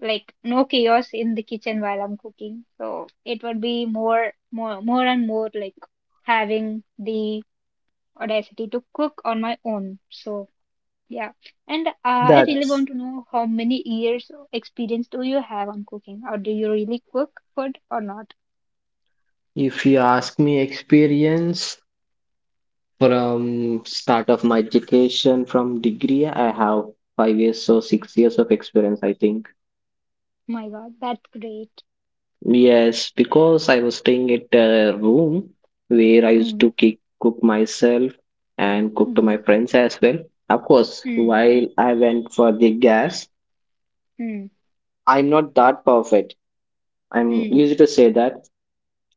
S2: like no chaos in the kitchen while I'm cooking. So it would be more, more, more and more like having the audacity to cook on my own. So. Yeah. And I really
S1: That's,
S2: want to know, how many years of experience do you have on cooking, or do you really cook food or not?
S1: if you ask me, experience from start of my education from degree, I have 5 years or 6 years of experience, I think.
S2: My God, that's great.
S1: Yes, because I was staying at a room where I used
S2: Hmm.
S1: to cook myself and cook to
S2: Hmm.
S1: my friends as well. Of course,
S2: Hmm.
S1: while I went for the gas,
S2: Hmm.
S1: I'm not that perfect. I'm
S2: Hmm.
S1: used to say that.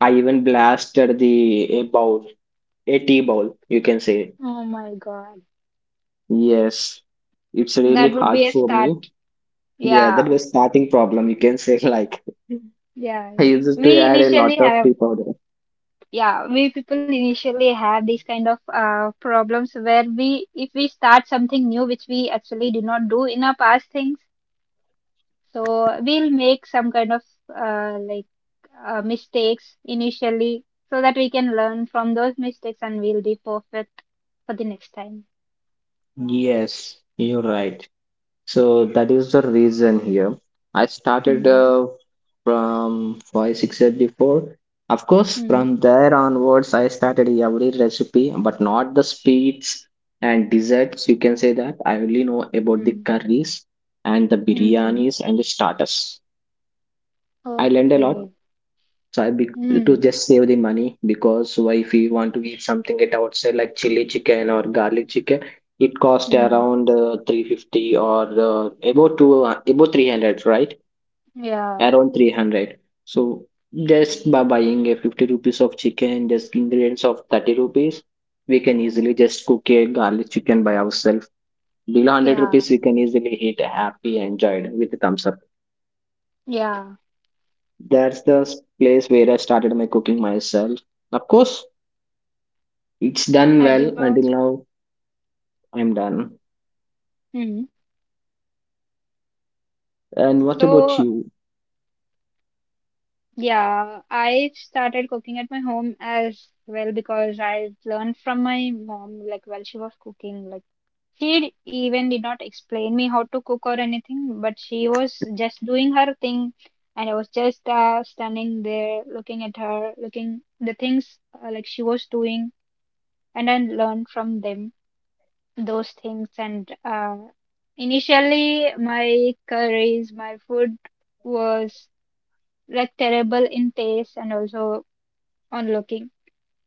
S1: I even blasted the a bowl, a tea bowl, you can say.
S2: Oh my God,
S1: Yes, it's really
S2: that would be
S1: hard
S2: a
S1: for
S2: start.
S1: me. Yeah, that
S2: Yeah.
S1: was starting problem, you can say like
S2: Yeah.
S1: I
S2: Yeah.
S1: used to
S2: We
S1: add a
S2: initially
S1: lot of
S2: have.
S1: tea powder.
S2: Yeah, we people initially have these kind of problems where if we start something new, which we actually did not do in our past things, so we'll make some kind of uh, like mistakes initially so that we can learn from those mistakes and we'll be perfect for the next time.
S1: Yes, you're right. So that is the reason here. I started
S2: Hmm.
S1: from 5, 6 years before. Of course,
S2: Hmm.
S1: from there onwards, I started every recipe, but not the sweets and desserts. You can say that I only know about the
S2: Hmm.
S1: curries and the
S2: Mm-hmm.
S1: biryanis and the starters. I learned a lot
S2: Okay.
S1: so I be to
S2: Hmm.
S1: just save the money because why if we want to eat something at outside like chili chicken or garlic chicken, it cost
S2: Hmm.
S1: around 350 or about 300, right?
S2: Yeah.
S1: Around 300. So just by buying a 50 rupees of chicken, just ingredients of 30 rupees, we can easily just cook a garlic chicken by ourselves. Below 100
S2: Yeah.
S1: rupees, we can easily eat happy, enjoyed with the thumbs up.
S2: Yeah.
S1: That's the place where I started my cooking myself. Of course, it's done well until
S2: Hyderabad.
S1: now. I'm done.
S2: Hmm.
S1: And what about
S2: So
S1: you?
S2: yeah, I started cooking at my home as well because I learned from my mom, like while she was cooking like She even did not explain me how to cook or anything, but she was just doing her thing, and I was just standing there looking at her, looking the things like she was doing, and I learned from them those things. And Initially, my curries, my food was like terrible in taste and also on looking,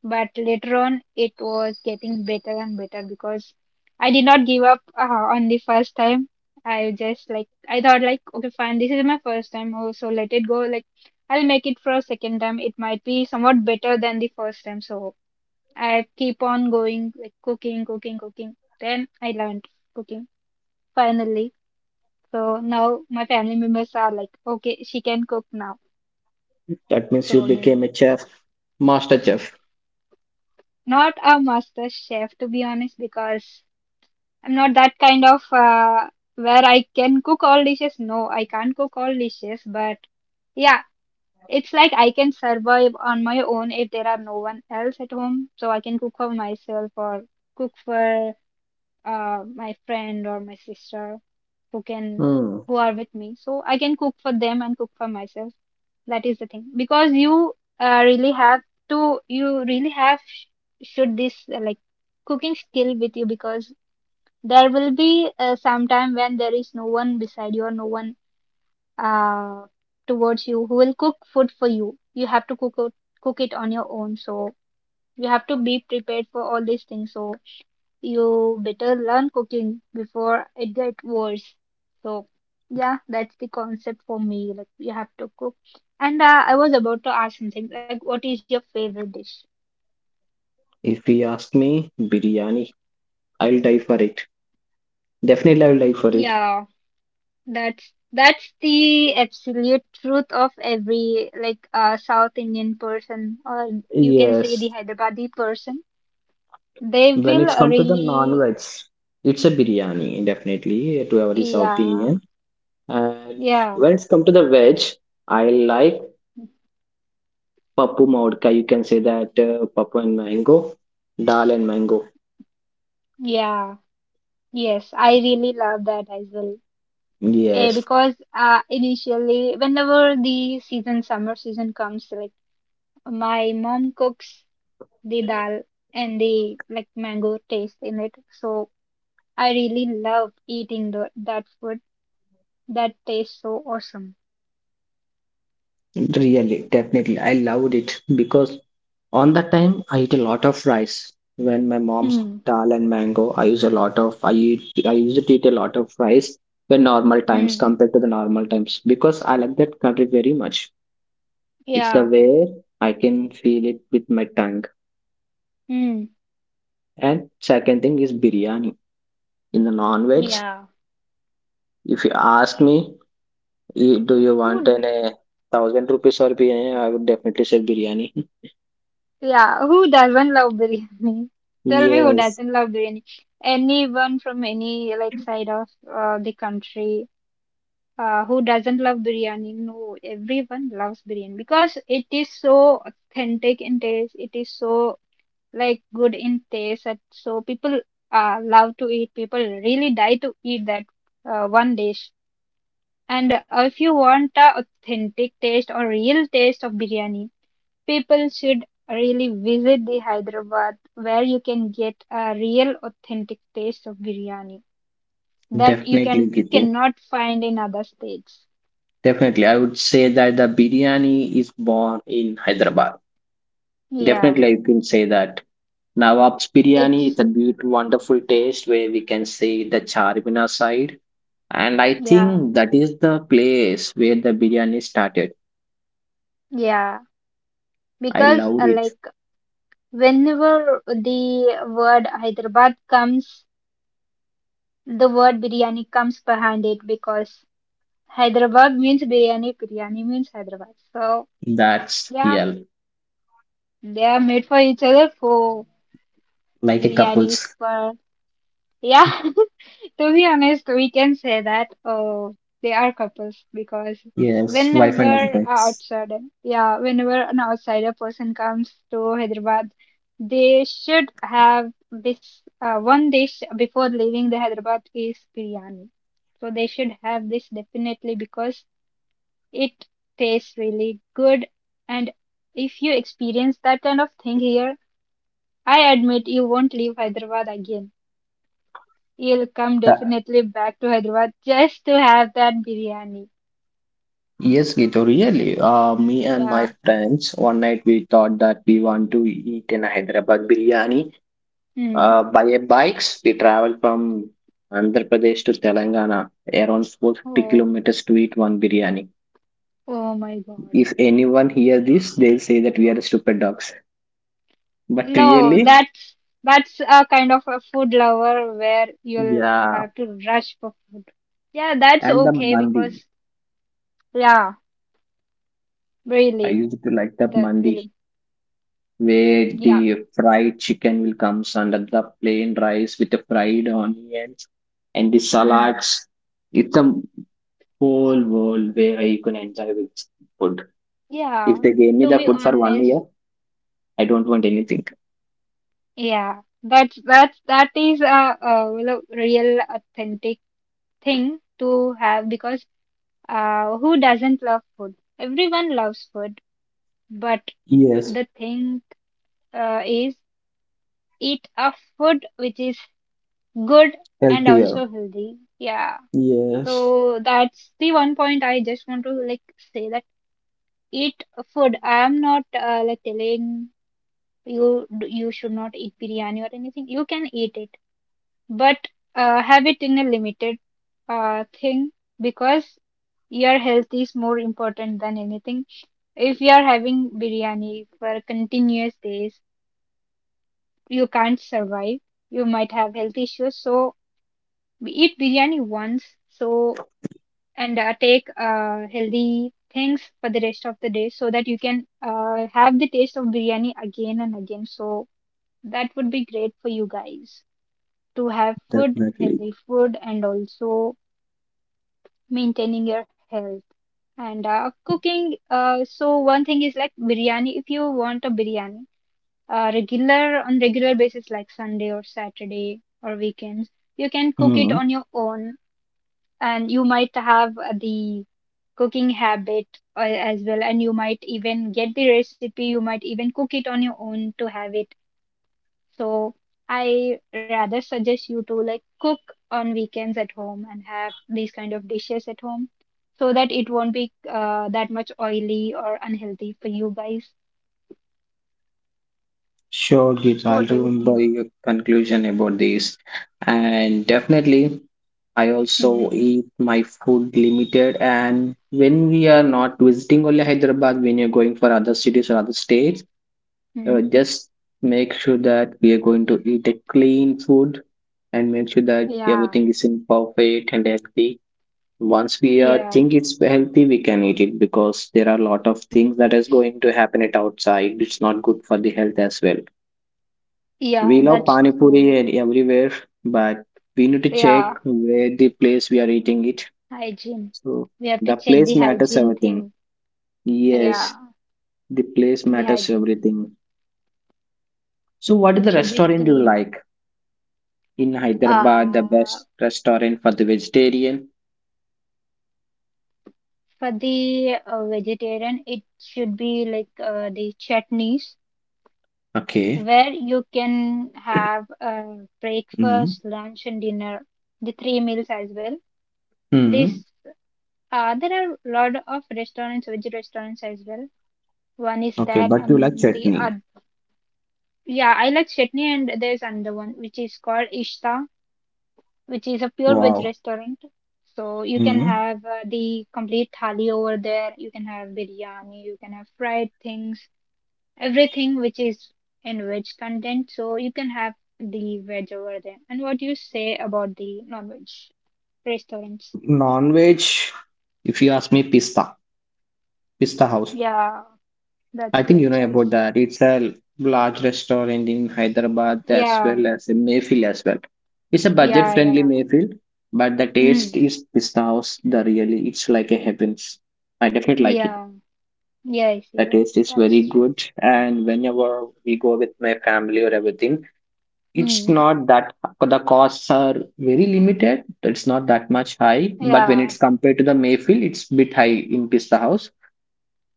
S2: but later on it was getting better and better because I did not give up on the first time. I just, like, I thought like, okay, fine, this is my first time, oh, so let it go, like I'll make it for a second time, it might be somewhat better than the first time, so I keep on going, like cooking, cooking, cooking, then I learned cooking finally. So now my family members are like, okay, she can cook now,
S1: That means you
S2: so they
S1: became a chef, master chef.
S2: not a master chef, to be honest, because I'm not that kind of where I can cook all dishes. No, I can't cook all dishes, but yeah, it's like I can survive on my own if there are no one else at home. So I can cook for myself or cook for my friend or my sister who can
S1: Hmm.
S2: who are with me. So I can cook for them and cook for myself. That is the thing because uh, really have you really have sh- should this cooking skill with you, because there will be some time when there is no one beside you, or no one uh, towards you, who will cook food for you. You have to cook it on your own. So you have to be prepared for all these things. So you better learn cooking before it gets worse. So yeah, that's the concept for me. Like, you have to cook. And I was about to ask something, like, what is your favorite dish?
S1: If you ask me, biryani, I'll die for it. Definitely, I'll die for it.
S2: Yeah. That's the absolute truth of every like South Indian person, or you can say
S1: Yes.
S2: the Hyderabadi person. They
S1: When it's
S2: will
S1: come to the
S2: really,
S1: non-veg, it's a biryani, definitely, to every South
S2: yeah,
S1: Indian. And
S2: yeah,
S1: when it's come to the veg, I like pappu mavodka. You can say that pappu and mango, dal and mango.
S2: yeah, yes. I really love that as well. Eh,
S1: Yes.
S2: because initially, whenever the summer season comes, like my mom cooks the dal and the like mango taste in it, so I really love eating that food. That tastes so awesome.
S1: Really, definitely. I loved it because on that time I eat a lot of rice. When my mom's
S2: Hmm.
S1: dal and mango, I used to eat a lot of rice when normal times
S2: Hmm.
S1: compared to the normal times because I like that curry very much. It's the
S2: Yeah.
S1: way I can feel it with my tongue.
S2: Hmm.
S1: And second thing is biryani. In the non-veg,
S2: Yeah.
S1: if you ask me, "Eh, do you want
S2: Who, d-
S1: an a thousand rupees or biryani?" I would definitely say biryani.
S2: yeah, who doesn't love biryani? Tell me who
S1: Yes,
S2: doesn't love biryani. Anyone from any like side of the country, who doesn't love biryani? No, everyone loves biryani because it is so authentic in taste. It is so like good in taste that so people love to eat. People really die to eat that one dish. And if you want a authentic taste or real taste of biryani, people should really visit the Hyderabad where you can get a real authentic taste of biryani that
S1: definitely,
S2: you
S1: Gitu.
S2: cannot find in other states.
S1: Definitely, I would say that the biryani is born in Hyderabad.
S2: Yeah,
S1: Definitely, I can say that. Nawab's biryani
S2: it's
S1: is a beautiful, wonderful taste where we can see the Charminar side. And I
S2: yeah,
S1: think that is the place where the biryani started.
S2: yeah.
S1: I
S2: Because
S1: loved it.
S2: whenever the word Hyderabad comes, the word biryani comes behind it, because Hyderabad means biryani, biryani means Hyderabad. So.
S1: That's
S2: Yeah,
S1: real.
S2: they are made for each other, for
S1: Like a
S2: biryanis
S1: couple's.
S2: for yeah. To be honest, we can say that, oh, they are couples, because
S1: Yes, wife and
S2: whenever
S1: husbands.
S2: outside yeah, whenever an outsider person comes to Hyderabad, they should have this one dish before leaving the Hyderabad, is biryani. So they should have this definitely, because it tastes really good, and if you experience that kind of thing here, I admit you won't leave Hyderabad again. You'll come
S1: That-
S2: definitely back to Hyderabad just to have that biryani.
S1: Yes, Gito, really. Me and my
S2: Yeah.
S1: friends, one night we thought that we want to eat in a Hyderabad biryani.
S2: Hmm.
S1: By a bikes, we travel from Andhra Pradesh to Telangana, around 450
S2: Oh.
S1: kilometers to eat one biryani.
S2: Oh my God.
S1: If anyone hear this, they'll say that we are stupid dogs. But
S2: No,
S1: really,
S2: that's a kind of a food lover where you'll
S1: yeah.
S2: have to rush for food. Yeah, that's
S1: And the
S2: okay
S1: mandi,
S2: because yeah,
S1: I
S2: really,
S1: used to like that
S2: that will
S1: mandi, where
S2: yeah.
S1: the fried chicken will comes under the plain rice with the fried onions and the
S2: Hmm.
S1: salads. It's a whole world where you can enjoy with food. If
S2: Yeah.
S1: they gave me
S2: To
S1: the
S2: be
S1: food for one
S2: honest,
S1: year, I don't want anything.
S2: yeah. That is a real authentic thing to have, because who doesn't love food? Everyone loves food, but
S1: Yes,
S2: the thing is eat a food which is good and
S1: healthier.
S2: also healthy. Yeah.
S1: Yes,
S2: So that's the one point I just want to like say, that eat food. I am not like telling you should not eat biryani or anything. You can eat it, but have it in a limited thing, because your health is more important than anything. If you are having biryani for continuous days, you can't survive. You might have health issues. So eat biryani once. So and take healthy things for the rest of the day, so that you can have the taste of biryani again and again. So that would be great for you guys, to have food,
S1: definitely.
S2: healthy food, and also maintaining your health. And cooking, so one thing is like biryani, if you want a biryani regular on regular basis like Sunday or Saturday or weekends, you can cook
S1: Hmm.
S2: it on your own, and you might have the cooking habit as well, and you might even get the recipe, you might even cook it on your own to have it. So I rather suggest you to like cook on weekends at home and have these kind of dishes at home, so that it won't be that much oily or unhealthy for you guys.
S1: Sure, Geeta. I'll
S2: What do you
S1: remember
S2: think?
S1: your conclusion about this. And definitely, I
S2: Hmm.
S1: also eat my food limited. And when we are not visiting only Hyderabad, when you're going for other cities or other states,
S2: Hmm.
S1: just make sure that we are going to eat a clean food and make sure that
S2: Yeah.
S1: everything is in perfect and healthy once we
S2: Yeah.
S1: think it's healthy, we can eat it because there are a lot of things that is going to happen it outside, it's not good for the health as well. We
S2: Yeah,
S1: love
S2: that's
S1: pani puri
S2: true.
S1: and everywhere, but we need to check
S2: Yeah.
S1: where the place we are eating it.
S2: Hygiene.
S1: So
S2: We have
S1: the
S2: to check
S1: place
S2: the
S1: matters
S2: hygiene
S1: everything.
S2: thing.
S1: Yes,
S2: Yeah.
S1: the place
S2: The
S1: matters
S2: hygiene thing.
S1: everything. So what is the
S2: It should be
S1: restaurant you
S2: clean.
S1: like in Hyderabad, the
S2: Uh,
S1: best restaurant for the vegetarian?
S2: for the vegetarian, it should be like the chutneys,
S1: Okay.
S2: where you can have
S1: Mm.
S2: breakfast, lunch, and dinner, the three meals as well. This
S1: Mm.
S2: There are a lot of restaurants, veg restaurants as well. One is
S1: Okay,
S2: that,
S1: but you like
S2: and the
S1: chutney.
S2: other, yeah, I like chutney, and there's another one which is called Ishta, which is a pure veg
S1: Wow.
S2: restaurant. So you can
S1: Mm.
S2: have the complete thali over there. You can have biryani. You can have fried things, everything which is in veg content. So you can have the veg over there. And what do you say about the non-veg restaurants?
S1: Non-veg, if you ask me, Pista, Pista House.
S2: Yeah, that's
S1: I think you
S2: great
S1: know about
S2: choice.
S1: that. It's a large restaurant in Hyderabad as
S2: Yeah,
S1: well as in Mayfield as well. It's a
S2: yeah,
S1: budget-friendly
S2: yeah.
S1: Mayfield, but the taste
S2: Mm.
S1: is Pista House. The really, it's like a heavens. I definitely like it.
S2: Yeah, yes,
S1: The
S2: yes,
S1: taste is very
S2: that's true.
S1: good, and whenever we go with my family or everything, it's
S2: Mm.
S1: not that the costs are very limited. It's not that much high, but when
S2: Yeah,
S1: it's compared to the Mayfield, it's bit high in Pista House.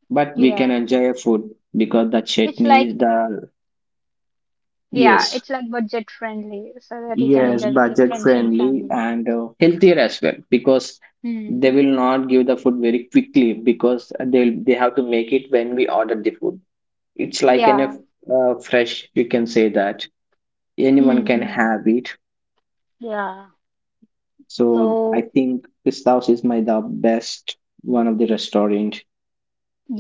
S1: But we can
S2: yeah.
S1: enjoy a food because the
S2: It's
S1: chutney
S2: like
S1: is the,
S2: yeah,
S1: yes,
S2: it's like budget friendly so that you can
S1: yes,
S2: enjoy with your
S1: budget
S2: friends and
S1: friendly
S2: family.
S1: and healthier as well because they
S2: Mm.
S1: will not give the food very quickly because they have to make it when we order the food. It's like an
S2: Yeah.
S1: fresh, you can say that anyone
S2: Hmm,
S1: can
S2: hmm,
S1: have it.
S2: yeah.
S1: So I
S2: So
S1: think this house is my the best one of the restaurant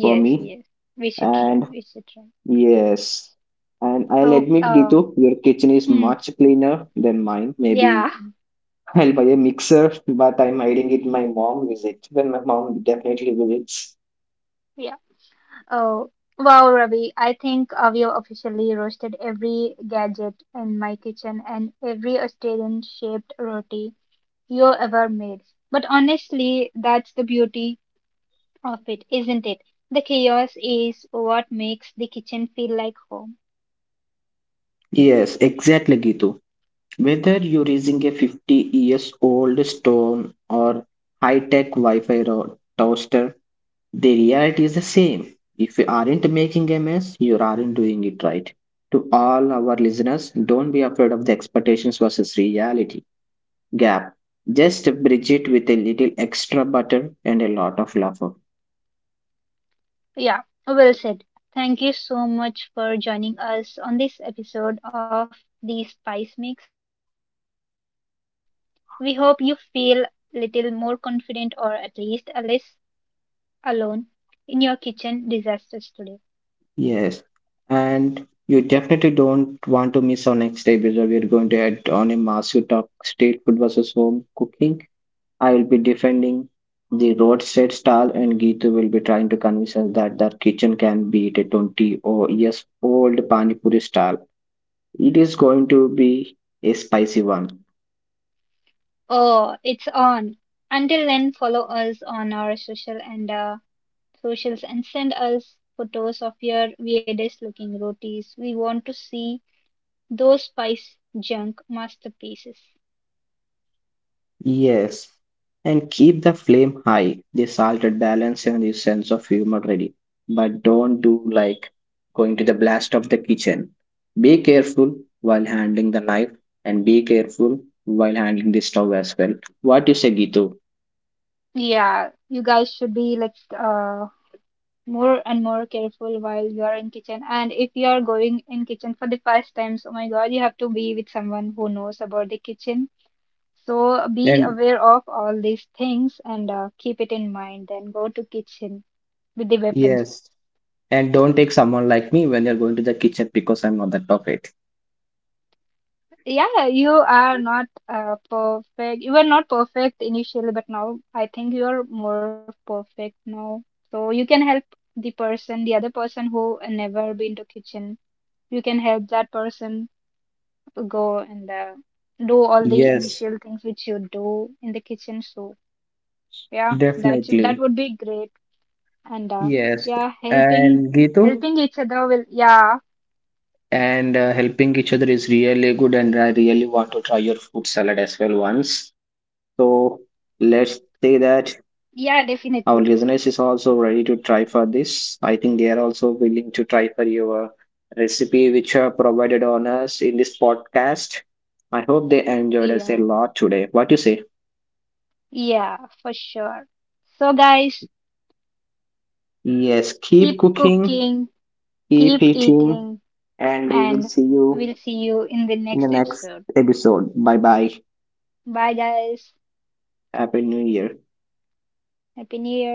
S1: for me.
S2: yes. We should try.
S1: And
S2: We should try.
S1: yes. And I'll
S2: So,
S1: admit,
S2: uh,
S1: Gitu, your kitchen is
S2: mm,
S1: much cleaner than mine.
S2: yeah.
S1: Maybe I'll buy a mixer, but I'm hiding it my mom visits when my mom definitely visits.
S2: Yeah. Oh, wow, Ravi. I think we have officially roasted every gadget in my kitchen and every Australian shaped roti you ever made. But honestly, that's the beauty of it, isn't it? The chaos is what makes the kitchen feel like home.
S1: Yes, exactly, Gitu. Whether you're using a 50 years old stone or high tech Wi Fi toaster, the reality is the same. If you aren't making a mess, you aren't doing it right. To all our listeners, don't be afraid of the expectations versus reality gap. Just bridge it with a little extra butter and a lot of laughter.
S2: Yeah, well said. Thank you so much for joining us on this episode of The Spice Mix. We hope you feel little more confident, or at least a less alone in your kitchen disasters today.
S1: Yes. And you definitely don't want to miss our next episode. We're going to head on a massive talk street food versus home cooking. I will be defending the roadside stall, and Geetu will be trying to convince us that their kitchen can beat a 20 or years old Pani Puri stall. It is going to be a spicy one.
S2: Oh, it's on. Until then, follow us on our socials, and send us photos of your weirdest looking rotis. We want to see those spice junk masterpieces.
S1: Yes, and keep the flame high. The salted balance and the sense of humor ready. But don't do like going to the blast of the kitchen. Be careful while handling the knife and be careful while handling the stove as well. What you say, Gitu?
S2: Yeah, you guys should be like more and more careful while you are in kitchen. And if you are going in kitchen for the first time, so my God, you have to be with someone who knows about the kitchen. So be
S1: And
S2: aware of all these things, and keep it in mind. Then go to kitchen with the weapons.
S1: yes. And don't take someone like me when you're going to the kitchen because I'm not that perfect.
S2: Yeah, you are not perfect. You were not perfect initially, but now I think you are more perfect now. So you can help the other person who never been to kitchen, you can help that person go and do all the
S1: Yes,
S2: initial things which you do in the kitchen. So yeah, that
S1: definitely.
S2: would be great. And
S1: Yes.
S2: yeah,
S1: And Gitu?
S2: helping each other will, yeah,
S1: And helping each other is really good, and I really want to try your food salad as well once. So
S2: yeah,
S1: let's say
S2: definitely.
S1: that our listeners is also ready to try for this. I think they are also willing to try for your recipe which are provided on us in this podcast. I hope they enjoyed us a
S2: Yeah,
S1: lot today. What you say?
S2: yeah, for sure. So guys,
S1: Yes, keep
S2: keep
S1: cooking,
S2: cooking,
S1: keep
S2: keep
S1: eating,
S2: eating,
S1: and we will
S2: and
S1: see you
S2: we'll see you in the
S1: in the
S2: next
S1: next
S2: episode.
S1: episode. Bye bye.
S2: Bye, guys.
S1: Happy new year.
S2: Happy New Year.